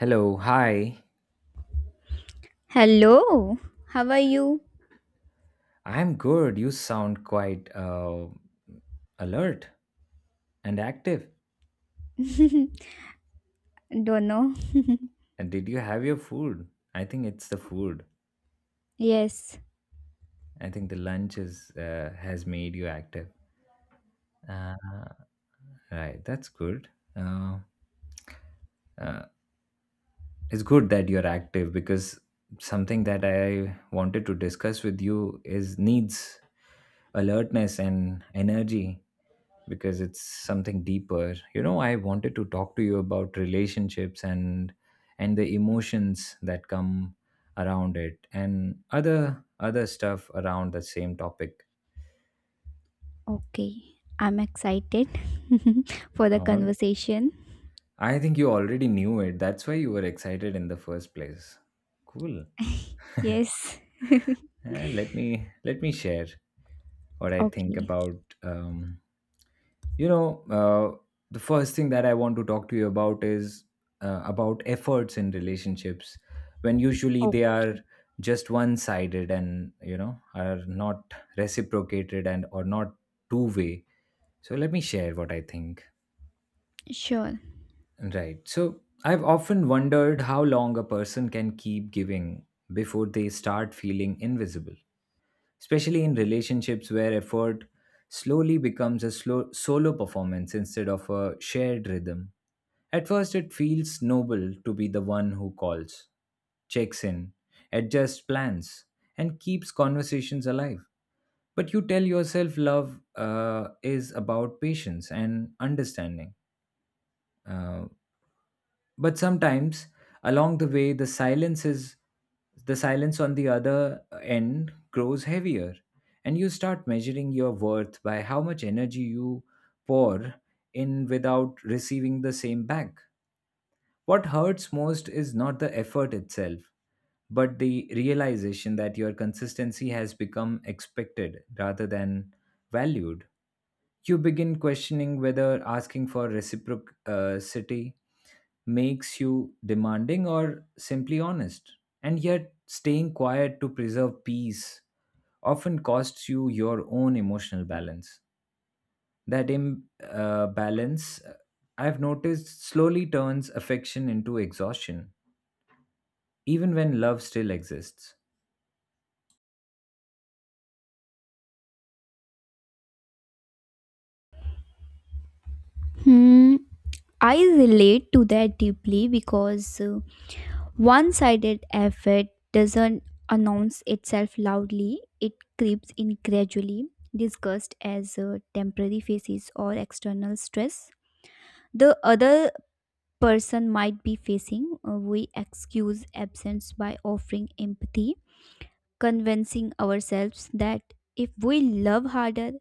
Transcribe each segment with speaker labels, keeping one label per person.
Speaker 1: Hello, hi.
Speaker 2: Hello, how are you?
Speaker 1: I'm good. You sound quite alert and active.
Speaker 2: Don't know.
Speaker 1: And did you have your food? I think it's the food.
Speaker 2: Yes,
Speaker 1: I think the lunch is has made you active. Uh, right, that's good. Uh, uh, it's good that you're active because something that I wanted to discuss with you is needs alertness and energy because it's something deeper. You know, I wanted to talk to you about relationships and the emotions that come around it and other stuff around the same topic.
Speaker 2: okay. I'm excited for the
Speaker 1: uh,
Speaker 2: conversation.
Speaker 1: I think you already knew it. That's why you were excited in the first place. Cool.
Speaker 2: Yes,
Speaker 1: Let me share what I think
Speaker 2: okay.
Speaker 1: about, you know, the first thing that I want to talk to you about is, about efforts in relationships when usually
Speaker 2: Oh,
Speaker 1: they are just one sided and you know are not reciprocated and or not two way. So let me share what I think.
Speaker 2: sure.
Speaker 1: Right, so I've often wondered how long a person can keep giving before they start feeling invisible, especially in relationships where effort slowly becomes a slow, solo performance instead of a shared rhythm. At first, it feels noble to be the one who calls, checks in, adjusts plans, and keeps conversations alive. But you tell yourself love is about patience and understanding, uh, but sometimes along the way the silence on the other end grows heavier and you start measuring your worth by how much energy you pour in without receiving the same back. What hurts most is not the effort itself but the realization that your consistency has become expected rather than valued. You begin questioning whether asking for reciprocity makes you demanding or simply honest. And yet, staying quiet to preserve peace often costs you your own emotional balance. That imbalance, I've noticed, slowly turns affection into exhaustion, even when love still exists.
Speaker 2: Hmm. I relate to that deeply because one sided effort doesn't announce itself loudly, it creeps in gradually, discussed as temporary phases or external stress. The other person might be facing, we excuse absence by offering empathy, convincing ourselves that if we love harder,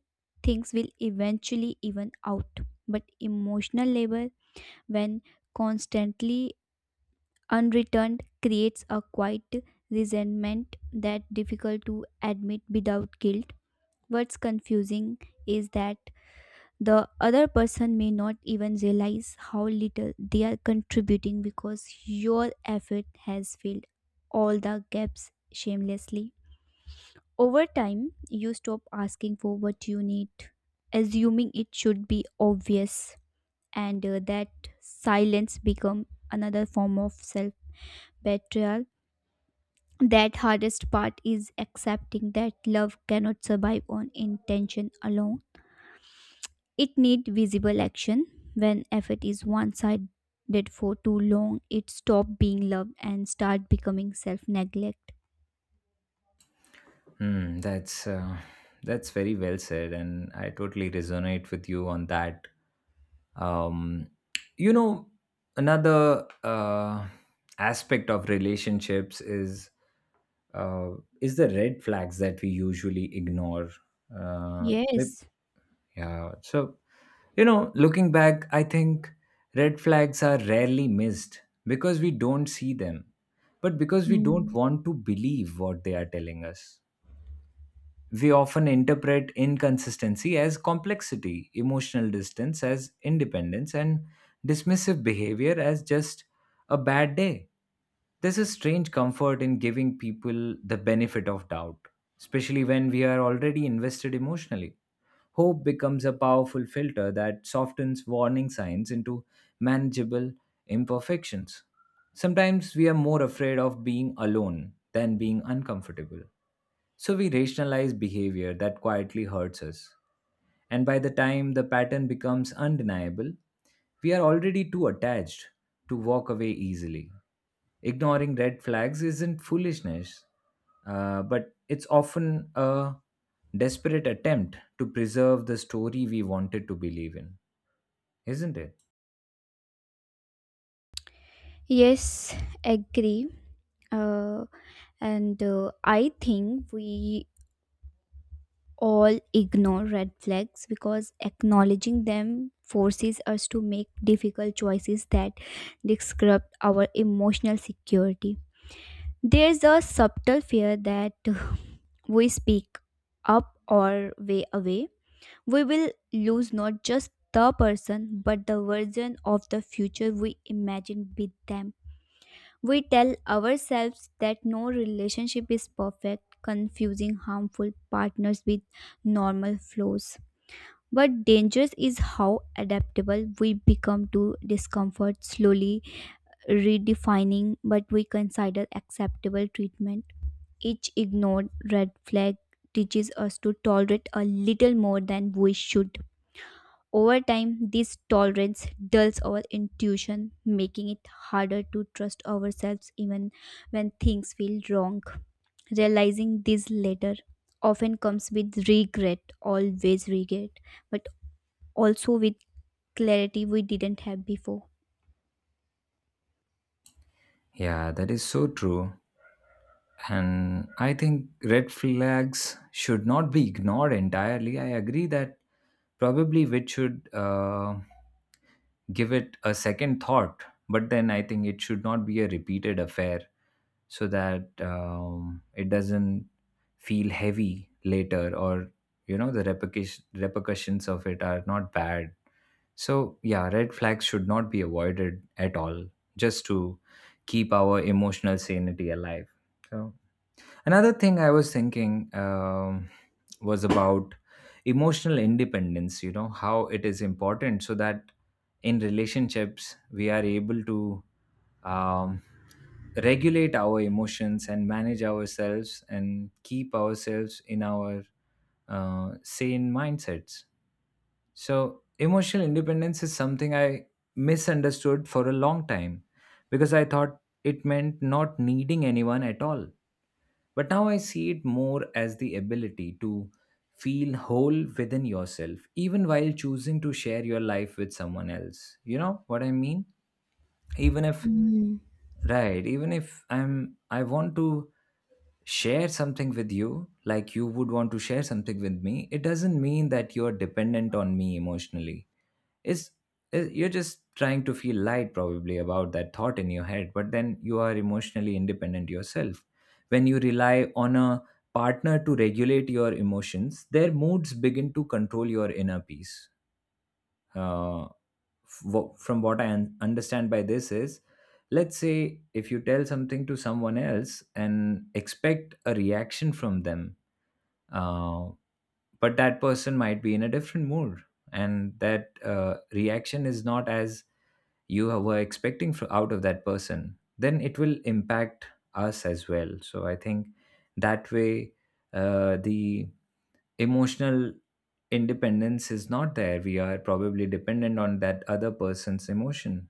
Speaker 2: things will eventually even out. But emotional labor, when constantly unreturned, creates a quiet resentment that difficult to admit without guilt. What's confusing is that the other person may not even realize how little they are contributing because your effort has filled all the gaps shamelessly. Over time, you stop asking for what you need, assuming it should be obvious, and that silence become another form of self betrayal. That hardest part is accepting that love cannot survive on intention alone. It needs visible action. When effort is one sided for too long, it stops being love and start becoming self neglect.
Speaker 1: Hmm, that's very well said, and I totally resonate with you on that. um you know, another aspect of relationships is, uh is the red flags that we usually ignore, like-
Speaker 2: Yes.
Speaker 1: Yeah, so you know, looking back, I think red flags are rarely missed because we don't see them, but because we don't
Speaker 2: Mm.
Speaker 1: want to believe what they are telling us. We often interpret inconsistency as complexity, emotional distance as independence, and dismissive behavior as just a bad day. There's a strange comfort in giving people the benefit of doubt, especially when we are already invested emotionally. Hope becomes a powerful filter that softens warning signs into manageable imperfections. Sometimes we are more afraid of being alone than being uncomfortable, so we rationalize behavior that quietly hurts us. And by the time the pattern becomes undeniable, we are already too attached to walk away easily. Ignoring red flags isn't foolishness, but it's often a desperate attempt to preserve the story we wanted to believe in, isn't it?
Speaker 2: Yes, agree. Uh, and I think we all ignore red flags because acknowledging them forces us to make difficult choices that disrupt our emotional security. There's a subtle fear that we speak up or way away, we will lose not just the person but the version of the future we imagine with them. We tell ourselves that no relationship is perfect, confusing harmful partners with normal flaws. But dangerous is how adaptable we become to discomfort, slowly redefining what we consider acceptable treatment. Each ignored red flag teaches us to tolerate a little more than we should. Over time, this tolerance dulls our intuition, making it harder to trust ourselves even when things feel wrong. Realizing this later often comes with regret, always regret, but also with clarity we didn't have before.
Speaker 1: Yeah, that is so true. And I think red flags should not be ignored entirely. I agree that probably which should, give it a second thought, but then I think it should not be a repeated affair so that, it doesn't feel heavy later, or you know, the repercussions of it are not bad. So yeah, red flags should not be avoided at all, just to keep our emotional sanity alive. So another thing I was thinking, was about emotional independence. You know how it is important so that in relationships we are able to, um, regulate our emotions and manage ourselves and keep ourselves in our sane mindsets. So, emotional independence is something I misunderstood for a long time because I thought it meant not needing anyone at all. But now I see it more as the ability to feel whole within yourself, even while choosing to share your life with someone else. You know what I mean? Even if—
Speaker 2: Mm.
Speaker 1: Right. Even if I want to share something with you, like you would want to share something with me, it doesn't mean that you're dependent on me emotionally. It's, it- you're just trying to feel light probably about that thought in your head, but then you are emotionally independent yourself. When you rely on a partner to regulate your emotions, their moods begin to control your inner peace. Uh, from what I understand by this is, let's say if you tell something to someone else and expect a reaction from them, uh, but that person might be in a different mood, and that reaction is not as you were expecting out of that person, then it will impact us as well. So I think that way, the emotional independence is not there. We are probably dependent on that other person's emotion.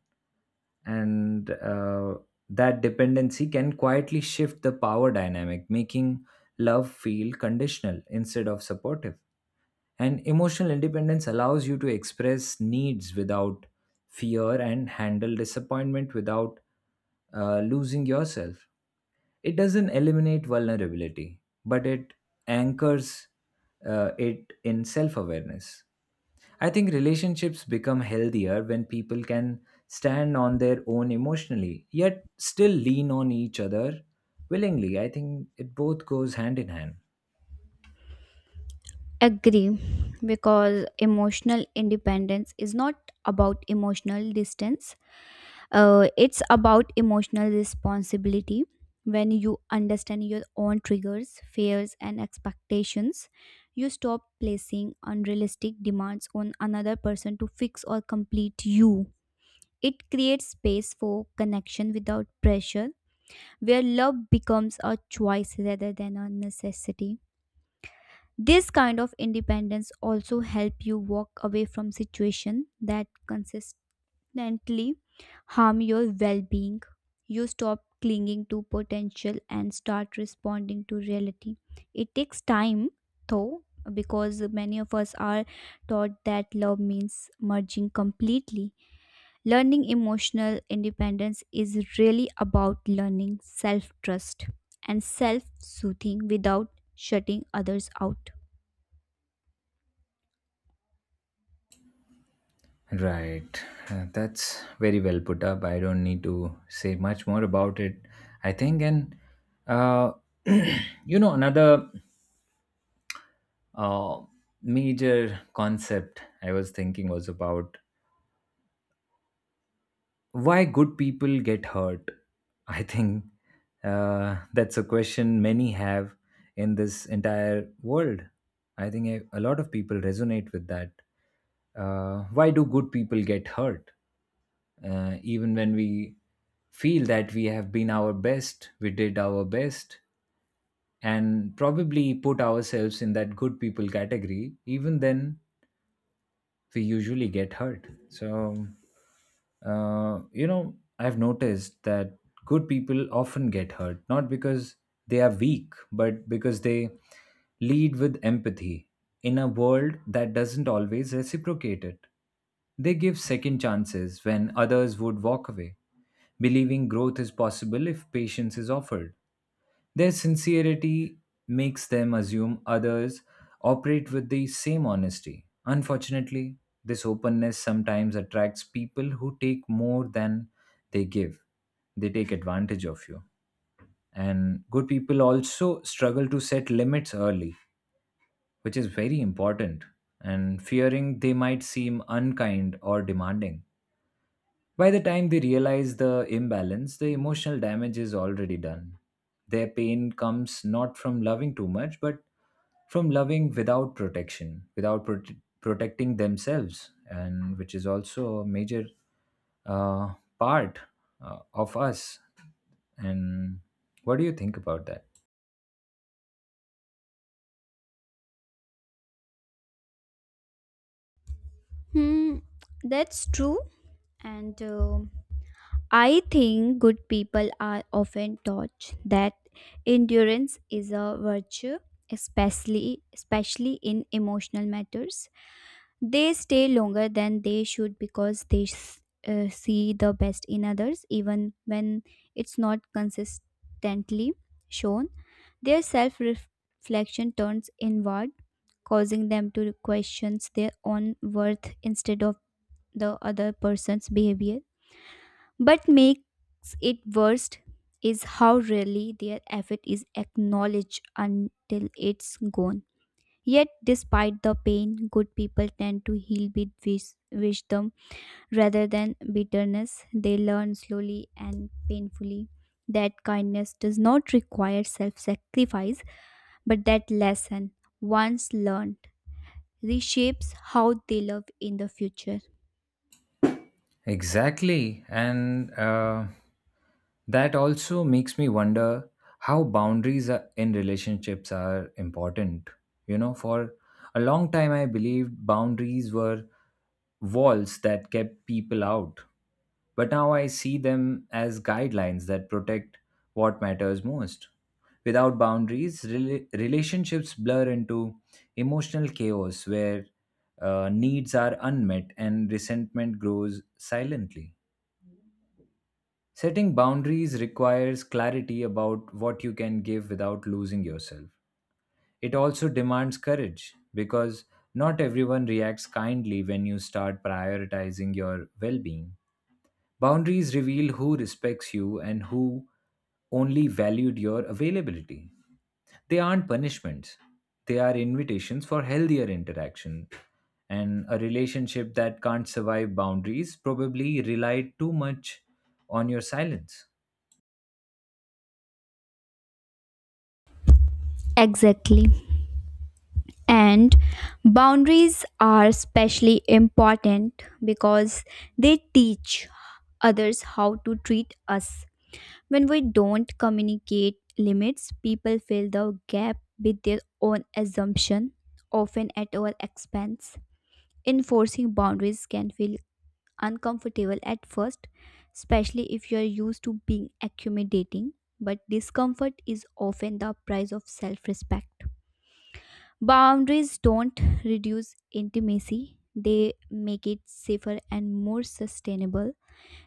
Speaker 1: And that dependency can quietly shift the power dynamic, making love feel conditional instead of supportive. And emotional independence allows you to express needs without fear and handle disappointment without, losing yourself. It doesn't eliminate vulnerability, but it anchors, it in self awareness. I think relationships become healthier when people can stand on their own emotionally, yet still lean on each other willingly. I think it both goes hand in hand.
Speaker 2: Agree, because emotional independence is not about emotional distance. It's about emotional responsibility. When you understand your own triggers, fears, and expectations, you stop placing unrealistic demands on another person to fix or complete you. It creates space for connection without pressure, where love becomes a choice rather than a necessity. This kind of independence also help you walk away from situation that consist accidentally harm your well being. You stop clinging to potential and start responding to reality. It takes time, though, because many of us are taught that love means merging completely. Learning emotional independence is really about learning self trust and self soothing without shutting others out.
Speaker 1: Right. That's very well put up. I don't need to say much more about it, I think. And, uh, you know, another uh, major concept I was thinking was about why good people get hurt. I think that's a question many have in this entire world. I think a lot of people resonate with that. Why do good people get hurt? Even when we feel that we have been our best, we did our best and probably put ourselves in that good people category, even then we usually get hurt. So you know, I've noticed that good people often get hurt, not because they are weak, but because they lead with empathy in a world that doesn't always reciprocate it. They give second chances when others would walk away, believing growth is possible if patience is offered. Their sincerity makes them assume others operate with the same honesty. Unfortunately, this openness sometimes attracts people who take more than they give. They take advantage of you. And good people also struggle to set limits early, which is very important, and fearing they might seem unkind or demanding. By the time they realize the imbalance, the emotional damage is already done. Their pain comes not from loving too much, but from loving without protection, without protecting themselves, and which is also a major, uh, part of us. And what do you think about that?
Speaker 2: Hmm, that's true. And I think good people are often taught that endurance is a virtue, especially in emotional matters. They stay longer than they should because they see the best in others, even when it's not consistently shown. Their self reflection turns inward, causing them to question their own worth instead of the other person's behavior but makes it worst is how rarely their effort is acknowledged until it's gone. Yet, despite the pain, good people tend to heal with wisdom rather than bitterness. They learn slowly and painfully that kindness does not require self sacrifice, but that lesson, once learned, reshapes how they love in the future.
Speaker 1: Exactly. And that also makes me wonder how boundaries are- in relationships are important. You know, for a long time, I believed boundaries were walls that kept people out. But now I see them as guidelines that protect what matters most. Without boundaries, relationships blur into emotional chaos where, needs are unmet and resentment grows silently. Setting boundaries requires clarity about what you can give without losing yourself. It also demands courage because not everyone reacts kindly when you start prioritizing your well being. Boundaries reveal who respects you and who only valued your availability. They aren't punishments, they are invitations for healthier interaction. And a relationship that can't survive boundaries probably relied too much on your silence.
Speaker 2: Exactly. And boundaries are especially important because they teach others how to treat us. When we don't communicate limits, people fill the gap with their own assumption, often at our expense. Enforcing boundaries can feel uncomfortable at first, especially if you are used to being accommodating, but discomfort is often the price of self respect. Boundaries don't reduce intimacy, they make it safer and more sustainable.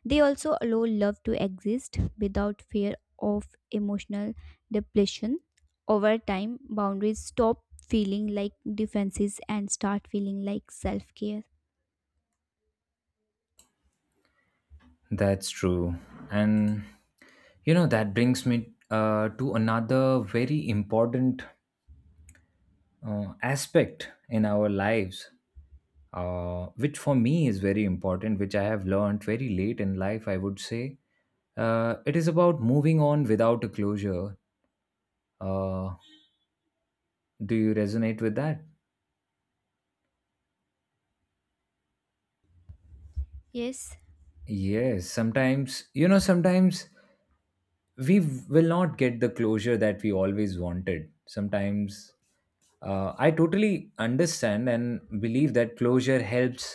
Speaker 2: They also allow love to exist without fear of emotional depletion. Over time, boundaries stop feeling like defenses and start feeling like self care.
Speaker 1: That's true. And you know, that brings me to another very important aspect in our lives, which for me is very important, which I have learned very late in life, I would say. It is about moving on without a closure. Uh, do you resonate with that?
Speaker 2: Yes,
Speaker 1: Yes, sometimes, you know, sometimes we will not get the closure that we always wanted. Sometimes— I totally understand and believe that closure helps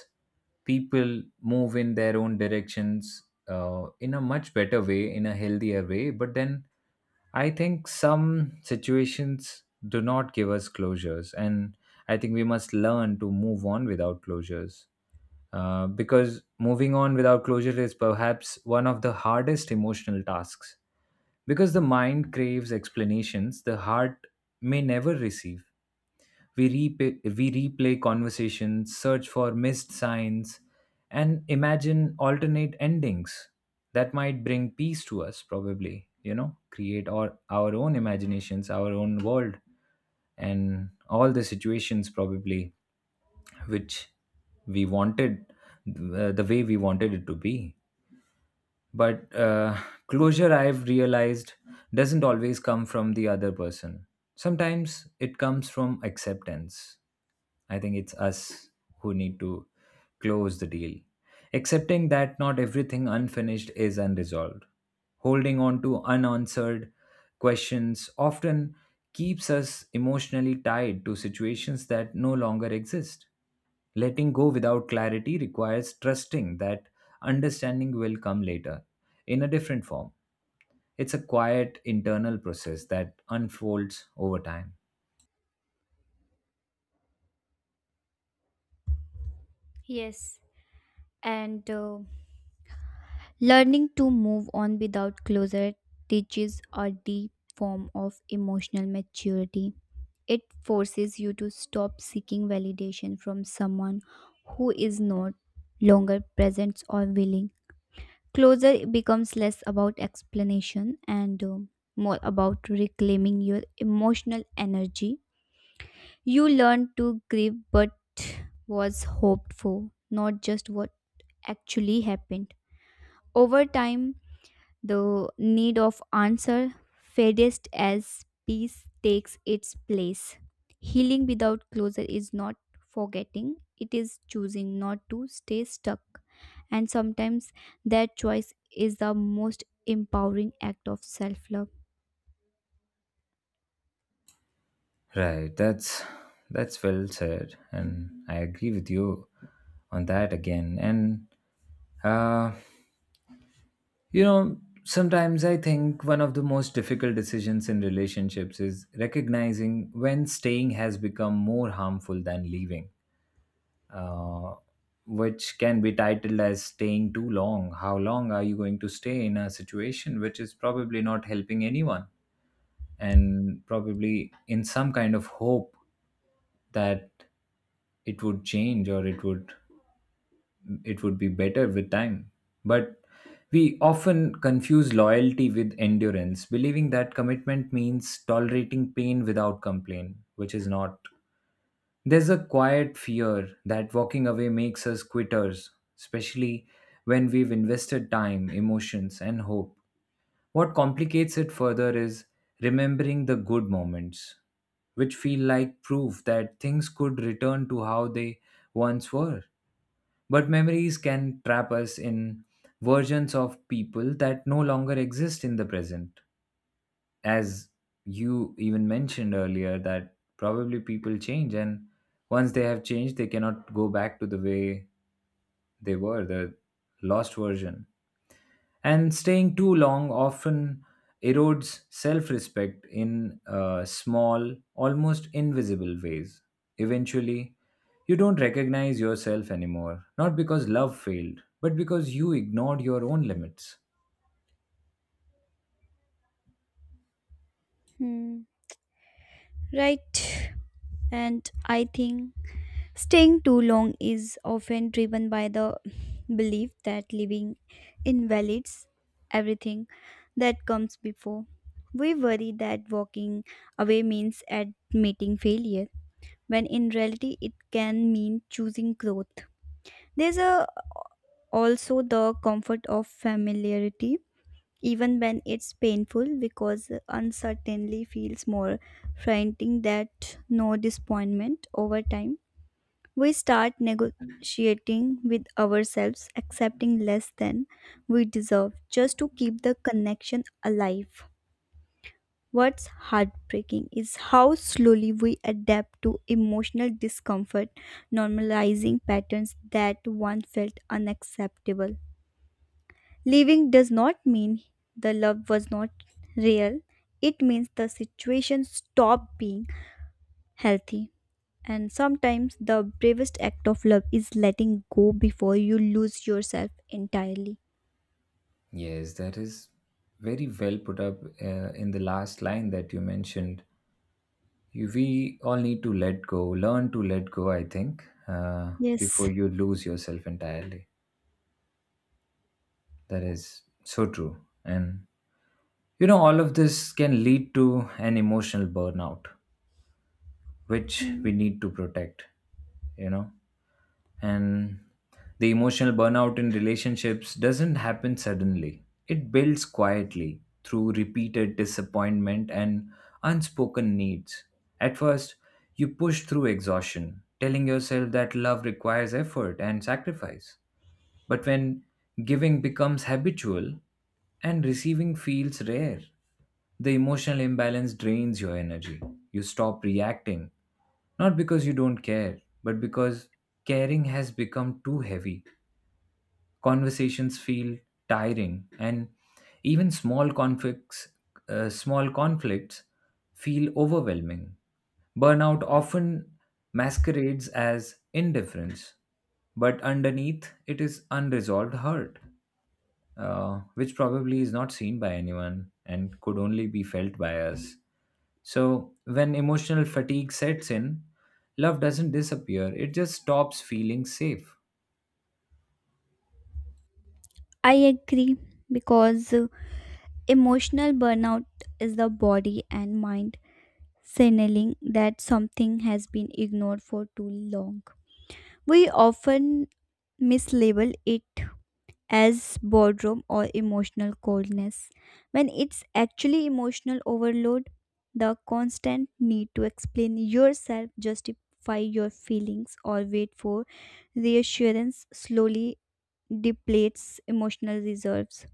Speaker 1: people move in their own directions, in a much better way, in a healthier way. But then I think some situations do not give us closures, and I think we must learn to move on without closures. Because moving on without closure is perhaps one of the hardest emotional tasks. Because the mind craves explanations the heart may never receive. We replay conversations, search for missed signs, and imagine alternate endings that might bring peace to us, probably. You know, create our own imaginations, our own world, and all the situations, probably, which we wanted, the way we wanted it to be. But closure, I've realized, doesn't always come from the other person. Sometimes it comes from acceptance. I think it's us who need to close the deal. Accepting that not everything unfinished is unresolved. Holding on to unanswered questions often keeps us emotionally tied to situations that no longer exist. Letting go without clarity requires trusting that understanding will come later in a different form. It's a quiet internal process that unfolds over time.
Speaker 2: yes. And learning to move on without closure teaches a deep form of emotional maturity. It forces you to stop seeking validation from someone who is not longer present or willing. Closure becomes less about explanation and more about reclaiming your emotional energy. You learn to grieve what was hoped for, not just what actually happened. Over time, the need of answer fadest as peace takes its place. Healing without closure is not forgetting, it is choosing not to stay stuck. And sometimes that choice is the most empowering act of self love.
Speaker 1: Right, that's well said, and I agree with you on that again. Uh, Sometimes I think one of the most difficult decisions in relationships is recognizing when staying has become more harmful than leaving, uh, which can be titled as staying too long. How long are you going to stay in a situation which is probably not helping anyone, and probably in some kind of hope that it would change, or it would be better with time. But we often confuse loyalty with endurance, believing that commitment means tolerating pain without complaint, which is not. There's a quiet fear that walking away makes us quitters, especially when we've invested time, emotions, and hope. What complicates it further is remembering the good moments, which feel like proof that things could return to how they once were. But memories can trap us in versions of people that no longer exist in the present. As you even mentioned earlier, that probably people change, and once they have changed, they cannot go back to the way they were, the lost version. And staying too long often erodes self respect in small, almost invisible ways. Eventually, you don't recognize yourself anymore, not because love failed, but because you ignored your own limits.
Speaker 2: Hmm. Right. And I think staying too long is often driven by the belief that living invalidates everything that comes before. We worry that walking away means admitting failure, when in reality it can mean choosing growth. There's a, also the comfort of familiarity, even when it's painful, because uncertainty feels more frightening than no disappointment. Over time we start negotiating with ourselves, accepting less than we deserve just to keep the connection alive. What's heartbreaking is how slowly we adapt to emotional discomfort, normalizing patterns that once felt unacceptable. Leaving does not mean the love was not real, it means the situation stopped being healthy. And sometimes the bravest act of love is letting go before you lose yourself entirely.
Speaker 1: Yes, that is very well put up in the last line that you mentioned. You, we all need to let go, learn to let go, I think,
Speaker 2: Yes,
Speaker 1: before you lose yourself entirely. That is so true. And all of this can lead to an emotional burnout, which we
Speaker 2: Mm,
Speaker 1: need to protect, you know. And the emotional burnout in relationships doesn't happen suddenly, it builds quietly through repeated disappointment and unspoken needs. At first, you push through exhaustion, telling yourself that love requires effort and sacrifice. But when giving becomes habitual and receiving feels rare, the emotional imbalance drains your energy. You stop reacting, not because you don't care, but because caring has become too heavy. Conversations feel tiring, and even small conflicts feel overwhelming. Burnout often masquerades as indifference, but underneath it is unresolved hurt, which probably is not seen by anyone and could only be felt by us. So, when emotional fatigue sets in, love doesn't disappear, it just stops feeling safe.
Speaker 2: I agree because emotional burnout is the body and mind signaling that something has been ignored for too long. We often mislabel it as boredom or emotional coldness when it's actually emotional overload. The constant need to explain yourself, justify your feelings, or wait for reassurance slowly depletes emotional reserves.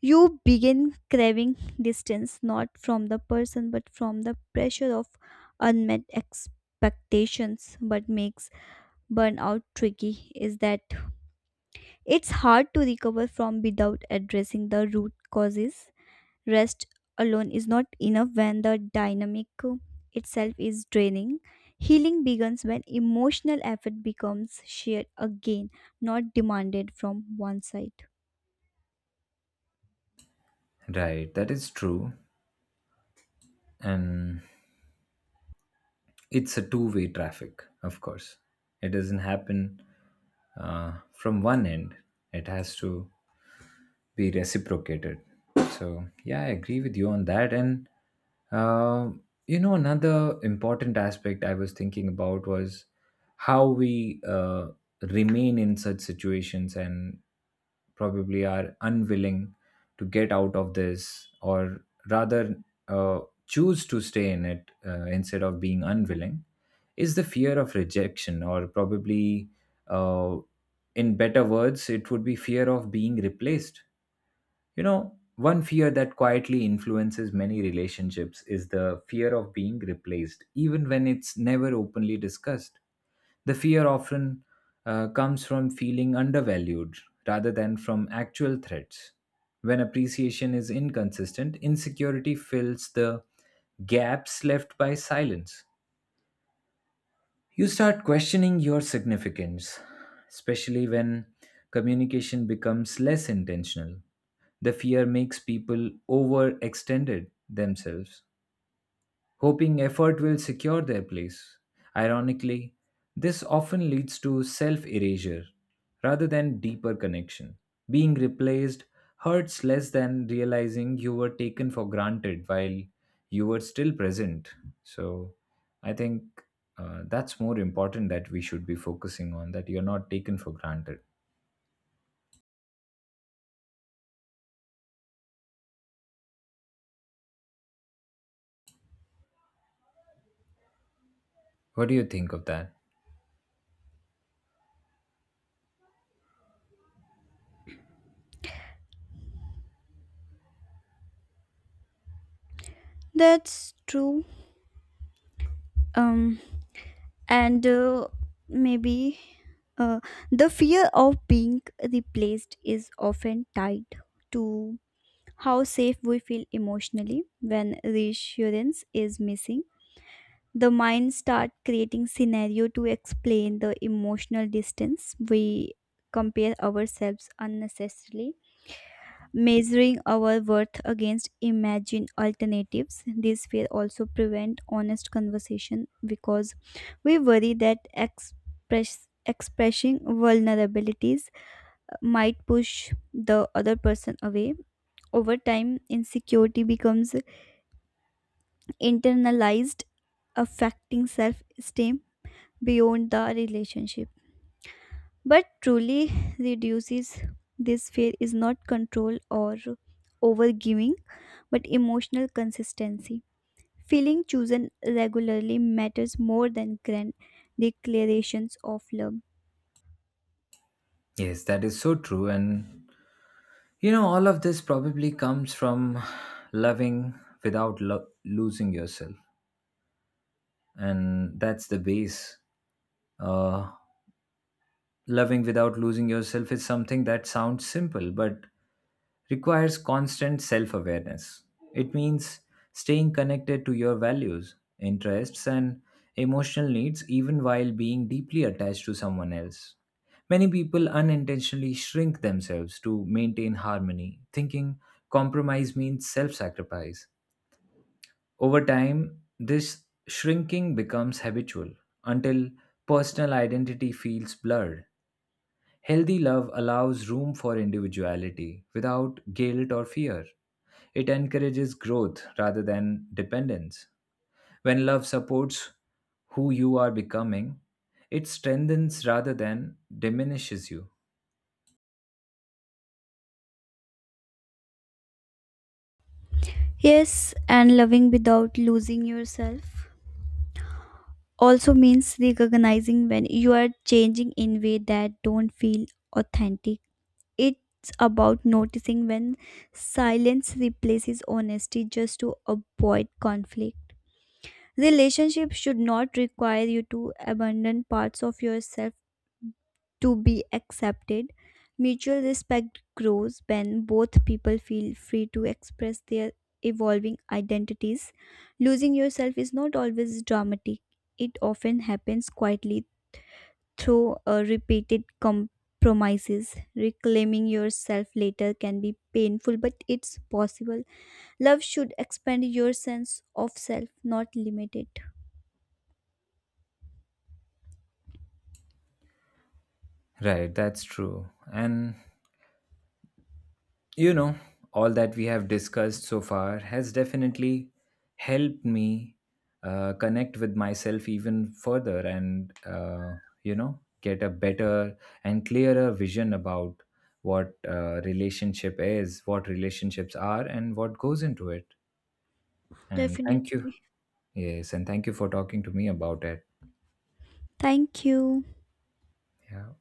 Speaker 2: You begin craving distance not from the person but from the pressure of unmet expectations, but makes burnout tricky is that it's hard to recover from without addressing the root causes. Rest alone is not enough when the dynamic itself is draining. Healing begins when emotional effort becomes shared again, not demanded from one side.
Speaker 1: Right, that is true. And it's a two-way traffic, of course. It doesn't happen from one end, it has to be reciprocated. So, yeah, I agree with you on that. Uh, Another important aspect I was thinking about was how we remain in such situations and probably are unwilling to get out of this, or rather uh, choose to stay in it instead of being unwilling, is the fear of rejection, or probably uh, in better words it would be fear of being replaced. You know, one fear that quietly influences many relationships is the fear of being replaced, even when it's never openly discussed. The fear often comes from feeling undervalued rather than from actual threats. When appreciation is inconsistent, insecurity fills the gaps left by silence. You start questioning your significance, especially when communication becomes less intentional. The fear makes people overextended themselves, hoping effort will secure their place. Ironically, this often leads to self erasure rather than deeper connection. Being replaced hurts less than realizing you were taken for granted while you were still present. So, I think that's more important, that we should be focusing on that you're not taken for granted. What do you think of that?
Speaker 2: That's true. Um, and maybe uh, the fear of being replaced is often tied to how safe we feel emotionally when reassurance is missing. The mind starts creating scenario to explain the emotional distance. We compare ourselves unnecessarily, measuring our worth against imagined alternatives. This fear also prevent honest conversation because we worry that expressing vulnerabilities might push the other person away. Over time insecurity becomes internalized, affecting self esteem beyond the relationship. But truly reduces this fear is not control or overgiving, but emotional consistency. Feeling chosen regularly matters more than grand declarations of love.
Speaker 1: Yes, that is so true. All of this probably comes from loving without losing yourself, and that's the base. Uh, Loving without losing yourself is something that sounds simple but requires constant self awareness. It means staying connected to your values, interests, and emotional needs even while being deeply attached to someone else. Many people unintentionally shrink themselves to maintain harmony, thinking compromise means self sacrifice. Over time, this shrinking becomes habitual until personal identity feels blurred. Healthy love allows room for individuality without guilt or fear. It encourages growth rather than dependence. When love supports who you are becoming, it strengthens rather than diminishes you.
Speaker 2: Yes, and loving without losing yourself also means recognizing when you are changing in way that don't feel authentic. It's about noticing when silence replaces honesty just to avoid conflict. Relationships should not require you to abandon parts of yourself to be accepted. Mutual respect grows when both people feel free to express their evolving identities. Losing yourself is not always dramatic, it often happens quietly through repeated compromises. Reclaiming yourself later can be painful, but it's possible. Love should expand your sense of self, not limit it.
Speaker 1: Right, that's true. You know, all that we have discussed so far has definitely helped me connect with myself even further, and, get a better and clearer vision about what relationship is, what relationships are, and what goes into it. And thank you.
Speaker 2: Definitely.
Speaker 1: Yes, and thank you for talking to me about it.
Speaker 2: Thank you.
Speaker 1: Yeah.